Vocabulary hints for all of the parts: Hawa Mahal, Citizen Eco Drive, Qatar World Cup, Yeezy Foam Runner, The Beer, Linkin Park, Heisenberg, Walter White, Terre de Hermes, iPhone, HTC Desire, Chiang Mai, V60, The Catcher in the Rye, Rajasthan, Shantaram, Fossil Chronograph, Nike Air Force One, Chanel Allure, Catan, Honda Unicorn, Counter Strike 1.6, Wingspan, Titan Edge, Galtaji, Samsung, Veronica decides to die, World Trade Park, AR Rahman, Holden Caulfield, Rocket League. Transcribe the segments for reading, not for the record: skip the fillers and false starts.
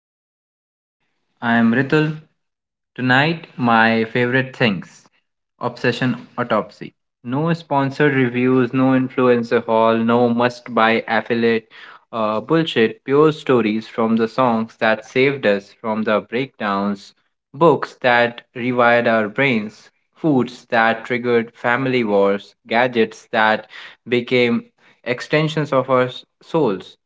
Ritul's studio. I am Ritul. Tonight, my favorite things: Obsession Autopsy. No sponsored reviews, no influencer haul, no must buy affiliate bullshit, pure stories from the songs that saved us, from the breakdowns, books that rewired our brains, foods that triggered family wars, gadgets that became extensions of our souls.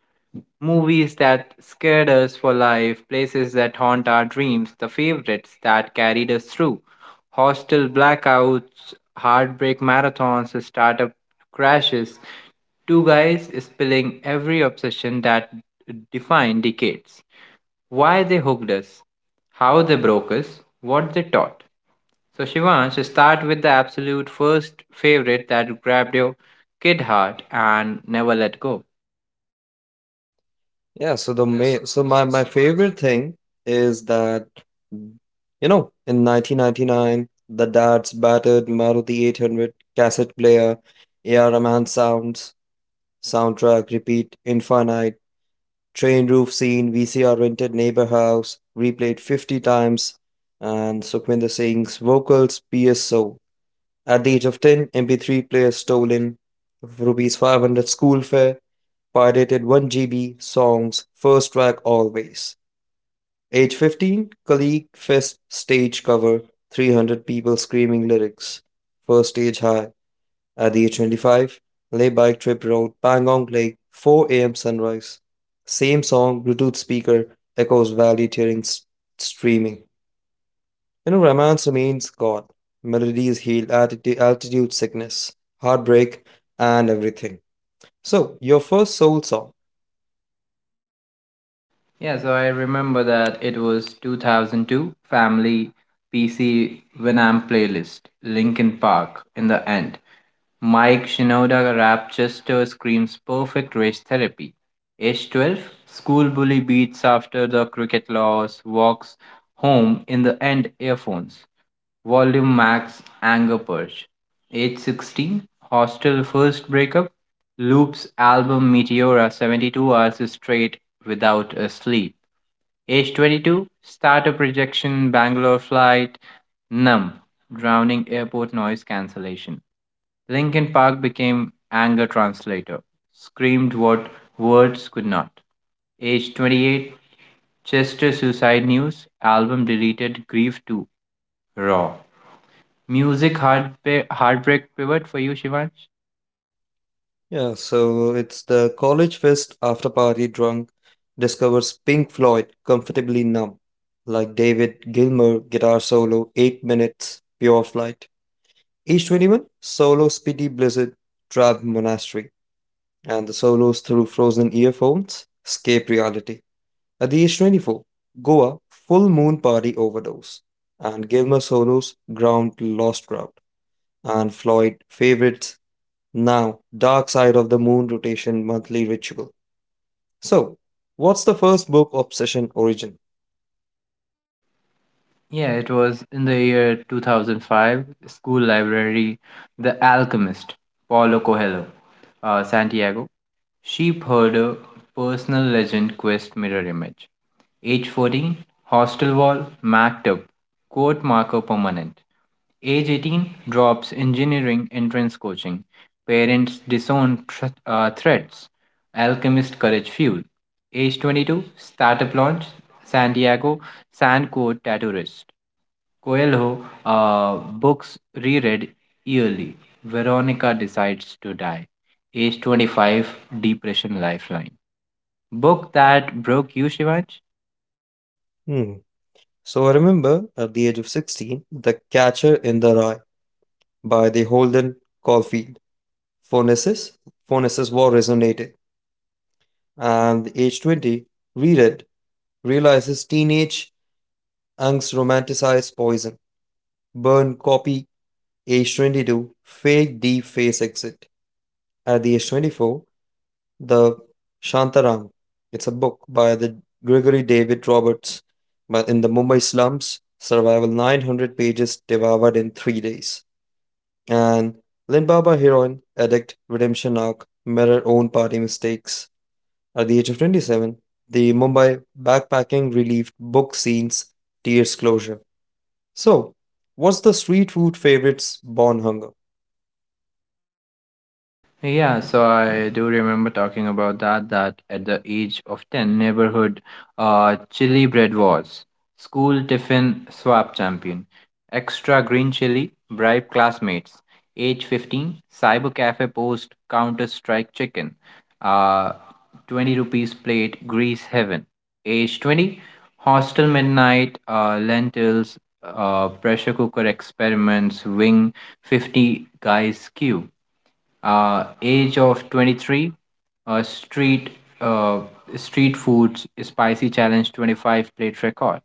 Movies that scared us for life, places that haunt our dreams, the favorites that carried us through. Hostel blackouts, heartbreak marathons, startup crashes. Two guys spilling every obsession that defined decades. Why they hooked us, how they broke us, what they taught. So, Shivansh, start with the absolute first favorite that grabbed your kid heart and never let go. So my favorite thing is that mm, you know, in 1999, the dad's battered Maruti 800 cassette player, AR Rahman sounds, soundtrack repeat infinite, train roof scene, VCR rented neighbor house, replayed 50 times, and Sukhvinder Singh's vocals, PSO. At the age of 10, MP3 player stolen rupees 500 school fare, pirated 1 GB songs, first track always. Age 15, colleague fest stage cover, 300 people screaming lyrics. First stage high. At the age 25, lay bike trip road, Pangong Lake, 4 a.m. sunrise. Same song, Bluetooth speaker, echoes valley streaming. You know, romance remains gone. Melodies heal altitude sickness, heartbreak, and everything. So, your first soul song. Yeah, so I remember that it was 2002 Family PC Winamp playlist, Linkin Park in the end. Mike Shinoda Rapchester screams perfect race therapy. Age 12, school bully beats after the cricket loss, walks home in the end earphones. Volume Max Anger Purge. Age 16, Hostel First Breakup. Loops album Meteora 72 hours straight without a sleep. Age 22, Starter Projection Bangalore Flight. Numb, drowning airport noise cancellation. Linkin Park became anger translator, screamed what words could not. Age 28, Chester Suicide News, album deleted, Grief 2, Raw. Music heartbreak pivot for you, Shivansh? Yeah, so it's the college fest after party drunk discovers Pink Floyd comfortably numb. Like David Gilmour guitar solo, 8 minutes, pure flight. Each 21, solo Speedy Blizzard, Trap Monastery. And the solos through frozen earphones, escape reality. At the age 24, Goa, Full Moon Party Overdose, and Gilmer Solo's Ground Lost Ground, and Floyd favorites now Dark Side of the Moon Rotation Monthly Ritual. So, what's the first book obsession origin? Yeah, it was in the year 2005, school library, The Alchemist, Paulo Coelho, Santiago. Sheepherder, personal legend, quest mirror image. Age 14, hostel wall, maktab, quote marker permanent. Age 18, drops engineering entrance coaching. Parents disown threats. Alchemist courage fuel. Age 22, startup launch, Santiago, sand quote tattooist. Coelho, books reread yearly. Veronica decides to die. Age 25, depression lifeline. Book that broke you, Shivansh? Hmm. So I remember at the age of 16, The Catcher in the Rye by the Holden Caulfield. Phonesis, Phonesis War resonated, and the age 20 reread realizes teenage angst romanticized poison burn copy H22, fake deep face exit. At the H24, the Shantaram. It's a book by the Gregory David Roberts, but in the Mumbai slums, survival 900 pages devoured in 3 days. And Limbaba heroin addict redemption arc mirror own party mistakes. At the age of 27, the Mumbai backpacking relieved book scenes tears closure. So, what's the street food favorites born hunger? Yeah, so I do remember talking about that, that at the age of 10, neighborhood chili bread was school tiffin swap champion, extra green chili, bribe classmates, age 15, cyber cafe post, counter strike chicken, uh, 20 rupees plate, grease heaven, age 20, hostel midnight, lentils, pressure cooker experiments, wing 50 guys queue, age of 23, uh, street uh, street foods spicy challenge 25 plate record,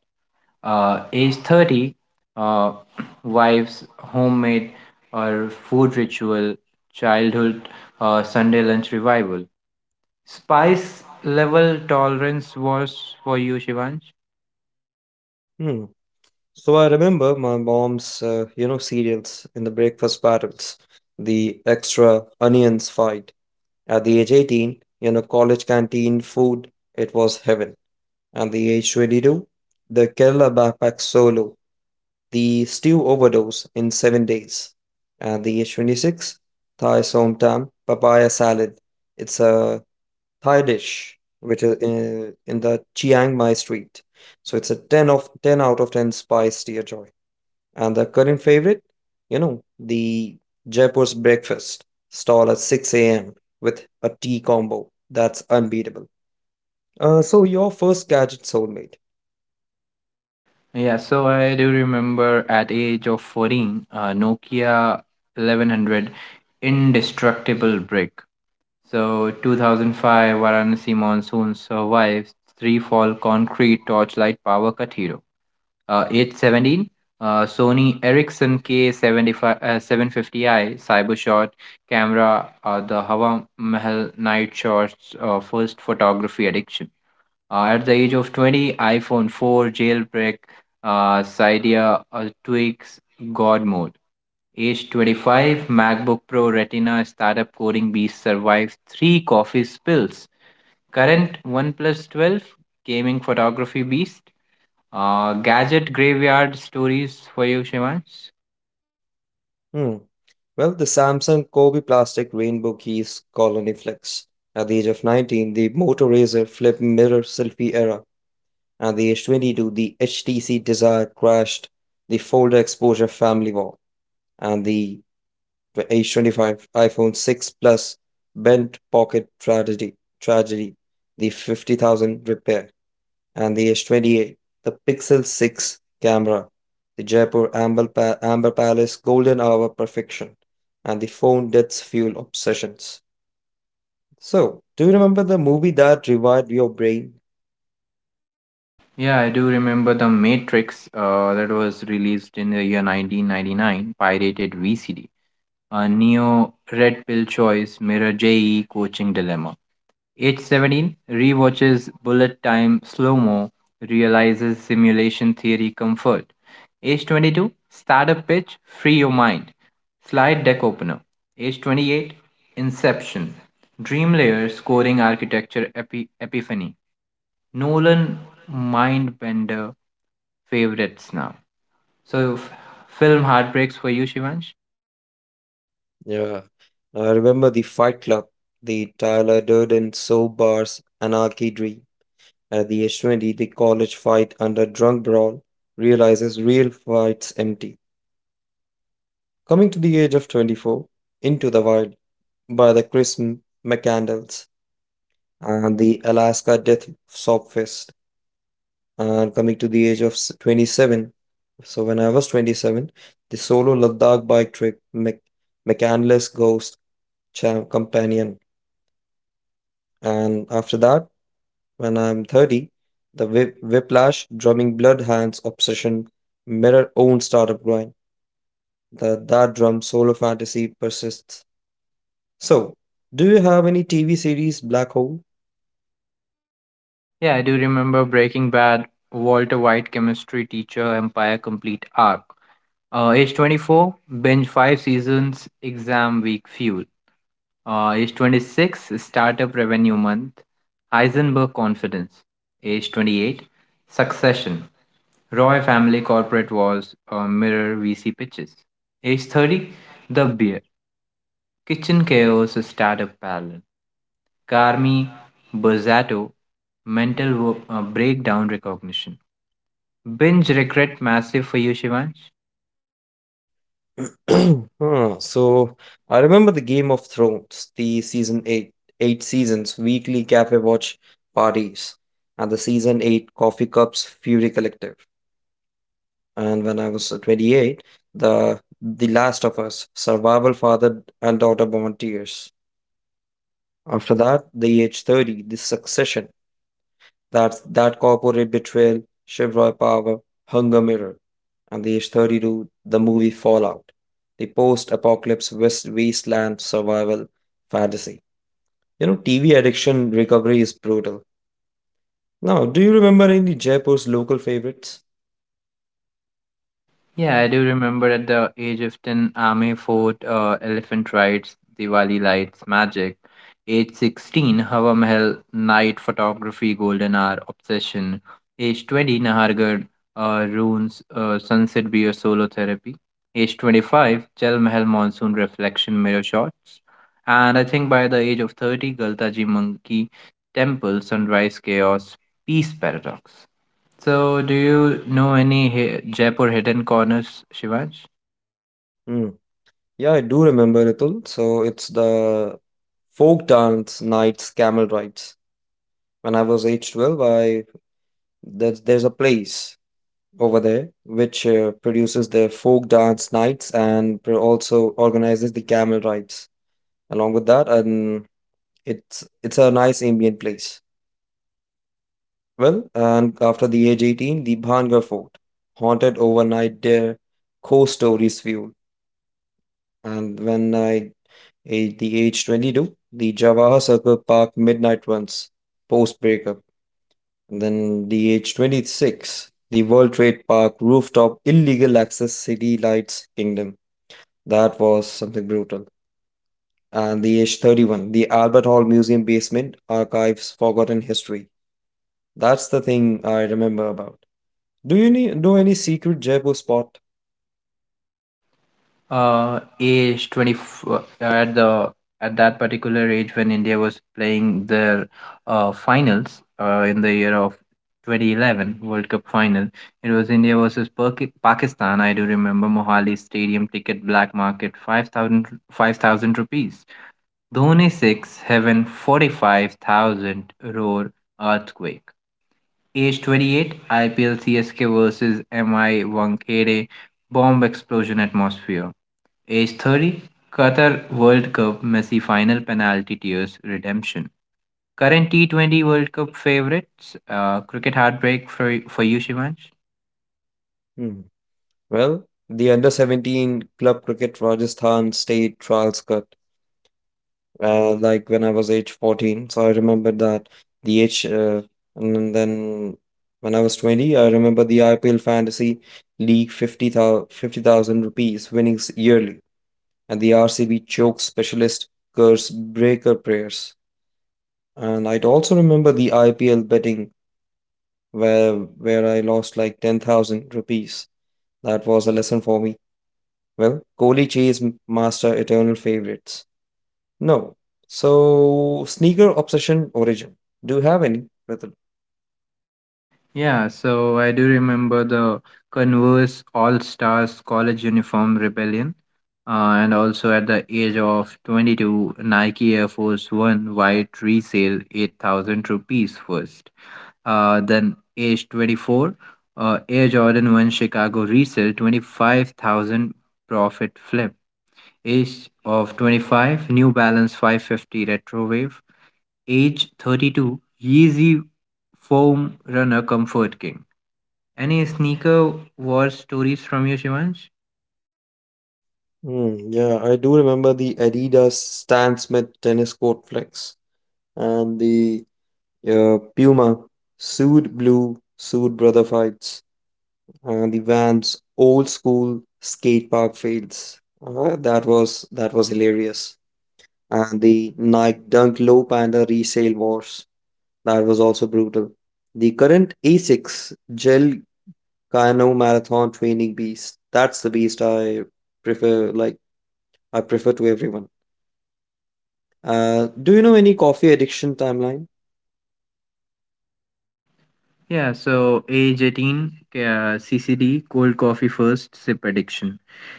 age 30, uh, wife's homemade or food ritual childhood, Sunday lunch revival. Spice level tolerance was for you, Shivansh? Hmm. So I remember my mom's, you know, cereals in the breakfast battles, the extra onions fight. At the age 18, you know, college canteen food, it was heaven. At the age 22, the Kerala backpack solo, the stew overdose in 7 days. At the age 26, Thai som tam, papaya salad. It's a Thai dish which is in the Chiang Mai street. So it's a 10 of 10 out of 10 spice, dear Joy. And the current favorite, you know, the Jaipur's breakfast stall at 6 a.m. with a tea combo. That's unbeatable. So your first gadget soulmate. Yeah, so I do remember at age of 14, Nokia 1100 indestructible brick. So 2005 Varanasi monsoon survives three fall concrete torchlight power cut hero. 817, Sony Ericsson K75, 750i cyber shot camera. The Hawa Mahal night shots. First photography addiction. At the age of 20, iPhone 4 jailbreak. Cydia tweaks God mode. Age 25, MacBook Pro Retina startup coding beast survives three coffee spills. Current OnePlus 12, gaming photography beast. Gadget graveyard stories for you, Shivansh. Hmm. Well, the Samsung Kobe Plastic Rainbow Keys Colony Flex. At the age of 19, the Motor Razor Flip Mirror Selfie Era. At the age 22, the HTC Desire crashed the Folder Exposure Family Wall. And the H25 iPhone 6 Plus bent pocket tragedy, the 50,000 repair, and the H28, the Pixel 6 camera, the Amber Palace golden hour perfection, and the phone that's fuel obsessions. So, do you remember the movie that revived your brain? Yeah, I do remember The Matrix, that was released in the year 1999, pirated VCD. A Neo Red Pill Choice Mirror JE Coaching Dilemma. Age 17, rewatches Bullet Time Slow Mo, realizes simulation theory comfort. Age 22, Startup Pitch, Free Your Mind, Slide Deck Opener. Age 28, Inception, Dream Layer Scoring Architecture Epiphany, Nolan Mindbender favorites now. So, film heartbreaks for you, Shivansh? Yeah, I remember the Fight Club, the Tyler Durden soap bars anarchy dream. At the age 20, the college fight under drunk brawl realizes real fights empty. Coming to the age of 24, Into the Wild by the McCandles and the Alaska Death Sob Fest. And coming to the age of s- 27, so when I was 27, the solo Ladakh bike trip McCandless Ghost Companion. And after that, when I'm 30, whiplash, drumming blood hands obsession, mirror own startup grind. The that drum solo fantasy persists. So, do you have any TV series Black Hole? Yeah, I do remember Breaking Bad, Walter White chemistry teacher, Empire complete arc. Age 24, binge five seasons, exam week fuel. Age 26, Startup Revenue Month, Heisenberg Confidence. Age 28, Succession, Roy Family Corporate Wars, Mirror VC Pitches. Age 30, The Beer, Kitchen Chaos Startup Palin, Carmi Bozzato, Mental Breakdown Recognition. Binge Regret Massive for you, Shivansh? So I remember the Game of Thrones, the season eight, eight seasons, weekly cafe watch parties, and the season eight coffee cups Fury Collective. And when I was 28, the The Last of Us, survival father and daughter bond tears. After that, the EH30, the succession, that's that corporate betrayal, Chevrolet Power, Hunger Mirror, and the H 32 the movie Fallout, the post-apocalypse West wasteland survival fantasy. You know, TV addiction recovery is brutal. Now, do you remember any Jaipur's local favorites? Yeah, I do remember at the age of 10, Ame Fort, Elephant Rides, Diwali Lights, Magic. Age 16, Hava Mahal, Night Photography, Golden Hour, Obsession. Age 20, Nahargarh, Runes, Sunset Beer, Solo Therapy. Age 25, Jal Mahal, Monsoon Reflection, Mirror Shots. And I think by the age of 30, Galtaji Monkey, Temple, Sunrise Chaos, Peace Paradox. So, do you know any Jaipur hidden corners, Shivansh? Hmm. Yeah, I do remember Ritul. So it's the folk dance nights, camel rides. When I was age 12, there's a place over there, which produces the folk dance nights also organizes the camel rides along with that. And it's a nice ambient place. Well, and after the age 18, the Bhangar Fort, haunted overnight there, ghost stories fuel. And when I ate the age 22, the Jawahar Circle Park midnight runs post breakup. And then the age 26, the World Trade Park rooftop illegal access city lights kingdom. That was something brutal. And the age 31 the Albert Hall Museum basement, archives forgotten history. That's the thing I remember about. Do you know any secret Jaipur spot? Age 24 at that particular age when India was playing their finals in the year of 2011 World Cup final. It was India versus Pakistan. I do remember Mohali Stadium ticket black market five thousand rupees. Dhoni 6, Heaven 45,000 roar earthquake. Age 28, IPL CSK versus MI Wankhede, bomb explosion atmosphere. Age 30, Qatar World Cup, Messi final penalty tears redemption. Current T20 World Cup favorites, cricket heartbreak for you, Shivansh? Hmm. Well, the under 17 club cricket Rajasthan state trials cut. Like when I was age 14, so I remember that. The age. And then when I was 20, I remember the IPL Fantasy League 50,000 rupees winnings yearly, and the RCB choke specialist curse breaker prayers. And I'd also remember the IPL betting where I lost like 10,000 rupees. That was a lesson for me. Well, Kohli master eternal favorites. No. So, sneaker obsession origin. Do you have any, Ritul? Yeah, so I do remember the Converse All Stars College Uniform Rebellion. And also at the age of 22, Nike Air Force One white resale 8,000 rupees first. Then age 24, Air Jordan 1 Chicago resale 25,000 profit flip. Age of 25, New Balance 550 Retro Wave. Age 32, Yeezy Foam Runner Comfort King. Any sneaker war stories from you, Shivansh? Yeah, I do remember the Adidas Stan Smith tennis court flex and the Puma Sued Blue Sued Brother fights, the Vans old school skate park fields. That was that was hilarious. And the Nike Dunk Low Panda resale wars. That was also brutal. The current Asics Gel Kano Marathon Training Beast. That's the beast I prefer. Like I prefer to everyone. Do you know any coffee addiction timeline? Yeah, so age 18, CCD, cold coffee first, sip addiction.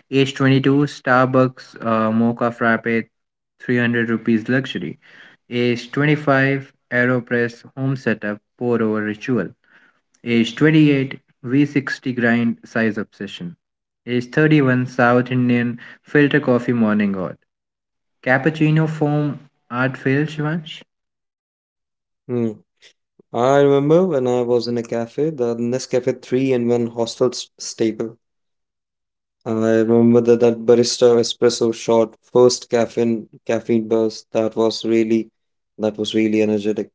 Age 22, Starbucks mocha frappe, 300 rupees luxury. Age 25, AeroPress home setup pour over ritual. Age 28, V60 grind size obsession. Age 31, South Indian filter coffee morning god. Cappuccino foam art fail, Shivansh? Hmm. I remember when I was in a cafe, the Nescafe 3 in 1 hostel staple. I remember that barista espresso shot, first caffeine burst. That was really, that was really energetic.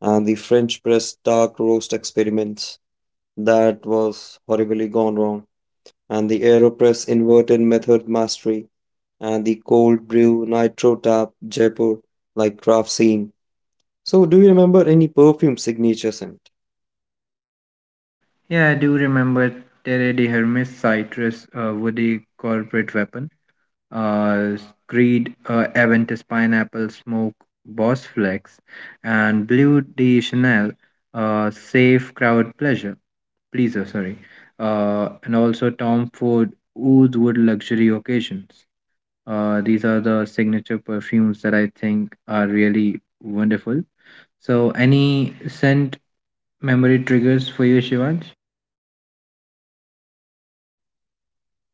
And the French press dark roast experiments, that was horribly gone wrong. And the AeroPress inverted method mastery and the cold brew nitro tap Jaipur like craft scene. So do you remember any perfume signature scent? Yeah, I do remember Terre de Hermes citrus, woody corporate weapon. Uh, Creed Aventus pineapple smoke boss flex and Blue de Chanel, safe crowd pleasure. Please, sorry. And also Tom Ford Oud Wood Luxury Occasions. These are the signature perfumes that I think are really wonderful. So, any scent memory triggers for you, Shivansh?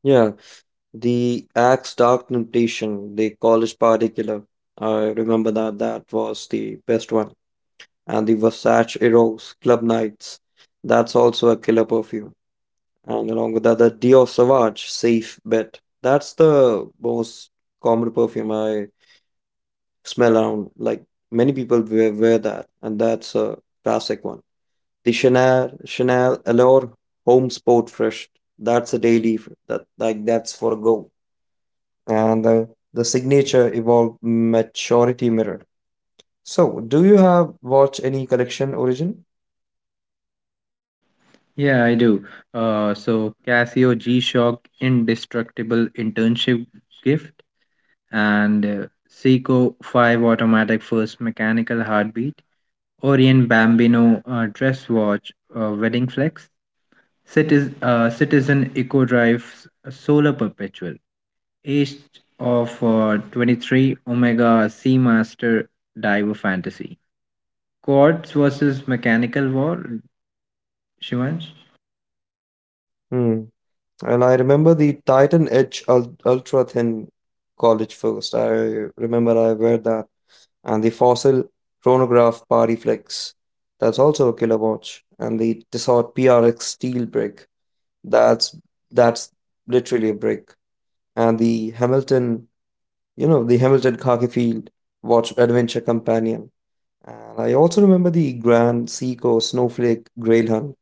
Yeah, the Axe Dark Temptation, the college party killer. I remember that, that was the best one. And the Versace Eros Club Nights. That's also a killer perfume. And along with that, the Dior Sauvage Safe Bet. That's the most common perfume I smell around. Like many people wear that, and that's a classic one. The Chanel Allure Home Sport Fresh. That's a daily. That like that's for a go, and the signature evolved maturity mirror. So, do you have watch any collection origin? Yeah, I do. So Casio G-Shock Indestructible Internship Gift and, Seiko 5 Automatic First Mechanical Heartbeat, Orient Bambino, Dress Watch, Wedding Flex, Citizen Eco Drive Solar Perpetual, age of, 23, Omega Seamaster Diver Fantasy. Quads versus Mechanical War, Shivansh? Hmm. And I remember the Titan Edge ultra thin college first. I remember I wear that and the Fossil Chronograph Party Flex. That's also a killer watch. And the Tissot PRX steel brick. That's that's literally a brick. And the Hamilton, you know, the Hamilton khaki field watch adventure companion. And I also remember the Grand, Seiko, Snowflake, Grail Hunt.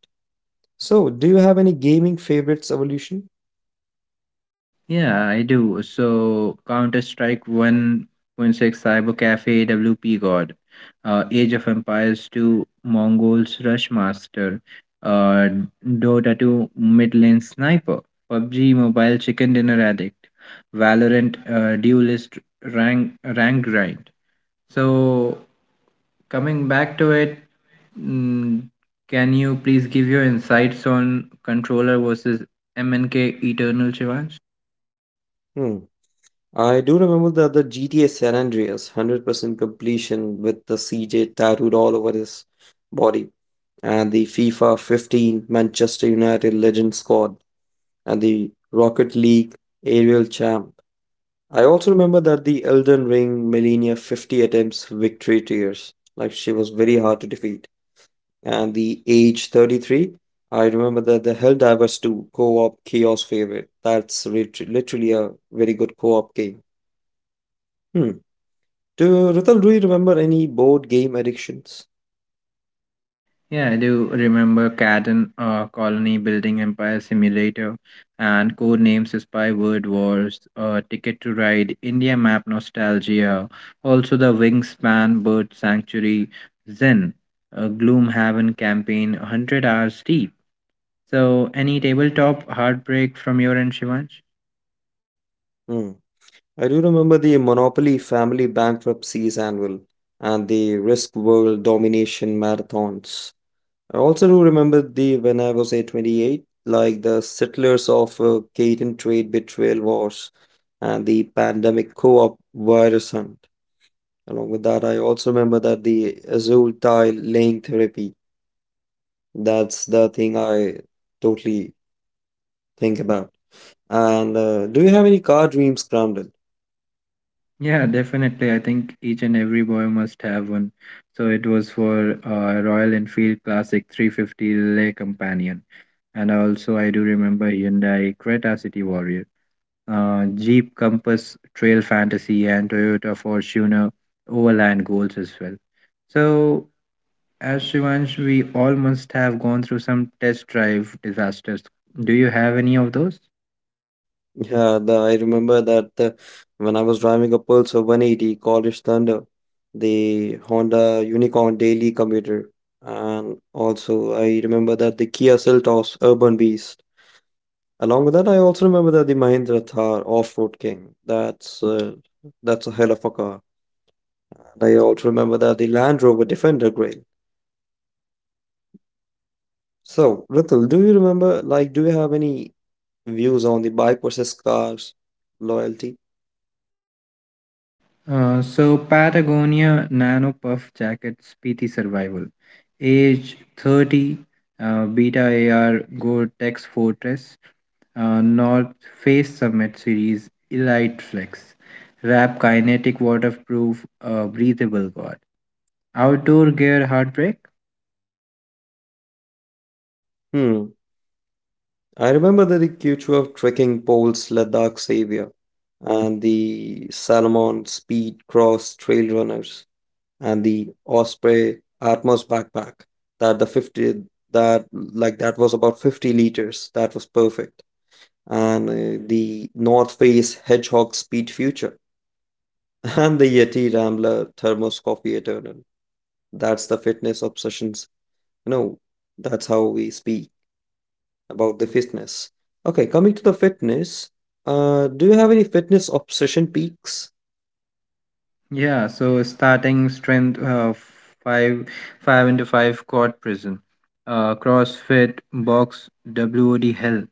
So, do you have any gaming favorites evolution? Yeah, I do. So Counter Strike 1.6 Cyber Cafe WP God, Age of Empires 2 Mongols Rush Master, uh, Dota 2 Mid Lane Sniper, PUBG Mobile Chicken Dinner Addict, Valorant, Duelist Rank Grind. So, coming back to it, mm, can you please give your insights on controller versus MNK Eternal, Shivansh? Hmm. I do remember the GTA San Andreas 100% completion with the CJ tattooed all over his body, and the FIFA 15 Manchester United Legend squad, and the Rocket League Aerial Champ. I also remember that the Elden Ring Millennia 50 attempts victory tears, like she was very hard to defeat. And the age 33, I remember that the Helldivers 2 co-op chaos favorite. That's literally a very good co-op game. Hmm. Do Rital, do you remember any board game addictions? Yeah, I do remember Catan, Colony Building Empire Simulator and Code Names Spy Word Wars, Ticket to Ride, India Map Nostalgia, also the Wingspan Bird Sanctuary, Zen, Gloomhaven campaign, 100 hours deep. So, any tabletop heartbreak from your end, Shivansh? Hmm. I do remember the Monopoly family bankruptcies annual and the Risk World domination marathons. I also do remember the when I was a 28, like the Settlers of Catan Trade Betrayal Wars and the Pandemic Co-op Virus Hunt. Along with that, I also remember that the azure tile laying therapy. That's the thing I totally think about. And do you have any car dreams grounded? Yeah, definitely. I think each and every boy must have one. So, it was for Royal Enfield Classic 350 Le Companion. And also, I do remember Hyundai Creta City Warrior, Jeep Compass Trail Fantasy, and Toyota Fortuner Overland Goals as well. So, as Shivansh, we all must have gone through some test drive disasters. Do you have any of those? I remember that when I was driving a Pulsar 180 College Thunder, the Honda Unicorn daily commuter, and also I remember that the Kia Seltos Urban Beast. Along with that, I also remember that the Mahindra Thar Off-Road King. That's a hell of a car. And I also remember that the Land Rover Defender Grail. So, Ritul, do you remember, like, do you have any views on the bike versus cars loyalty? So Patagonia Nano Puff Jackets PT Survival, age 30, Beta AR Gore-Tex Fortress, North Face Summit Series Elite Flex, Wrap Kinetic Waterproof, Breathable God, Outdoor Gear Heartbreak. Hmm. I remember that the Q2 of trekking poles Ladakh Savior and the Salomon Speed Cross Trail Runners and the Osprey Atmos backpack, that the 50, that like that was about 50 liters, that was perfect, and the North Face Hedgehog Speed Future and the Yeti Rambler Thermos Coffee Eternal. That's the fitness obsessions. No, that's how we speak about the fitness. Okay, coming to the fitness, do you have any fitness obsession peaks? Yeah, so starting strength, five five into five quad prison, CrossFit box WOD hell.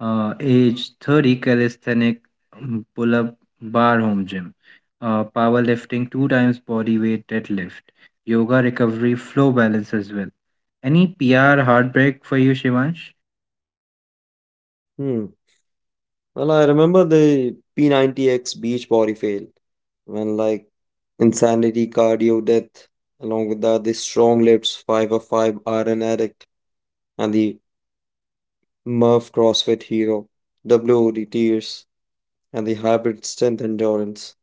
Age 30 calisthenic, pull-up bar home gym. Powerlifting two times body weight deadlift. Yoga recovery flow balance as well. Any PR heartbreak for you, Shivansh? Hmm. Well, I remember the P90X beach body fail when like insanity, cardio, death, along with that, the strong lips, 5 of 5 iron addict, and the Murph CrossFit hero, WOD tears, and the hybrid strength endurance.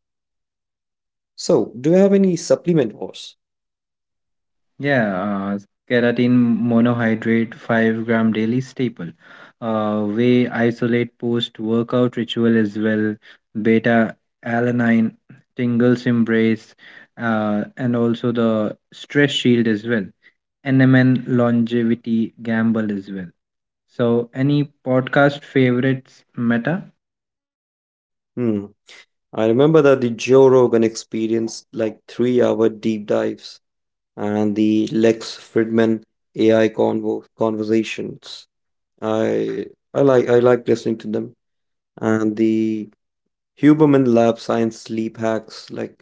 So, do you have any supplement wars? Yeah, uh, keratin monohydrate 5-gram daily staple. Whey isolate post workout ritual as well. Beta alanine, tingles embrace, and also the stress shield as well. NMN longevity gamble as well. So, any podcast favorites, Meta? Hmm. I remember that the Joe Rogan experienced like three-hour deep dives and the Lex Fridman AI convo conversations. I I like listening to them and the Huberman Lab Science sleep hacks. Like,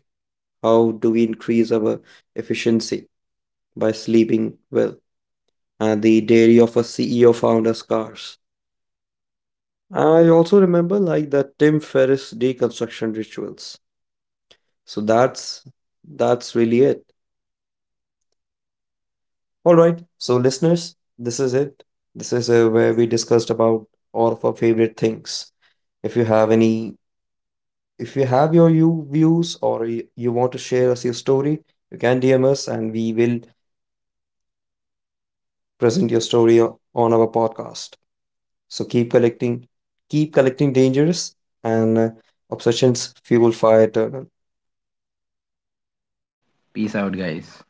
how do we increase our efficiency by sleeping well? And the Dairy of a CEO founder's cars. I also remember like the Tim Ferriss deconstruction rituals. So that's really it. All right. So listeners, this is it. This is where we discussed about all of our favorite things. If you have any, if you have your you views or you want to share us your story, you can DM us and we will present your story on our podcast. So keep collecting dangers and obsessions fuel fire eternal. Peace out, guys.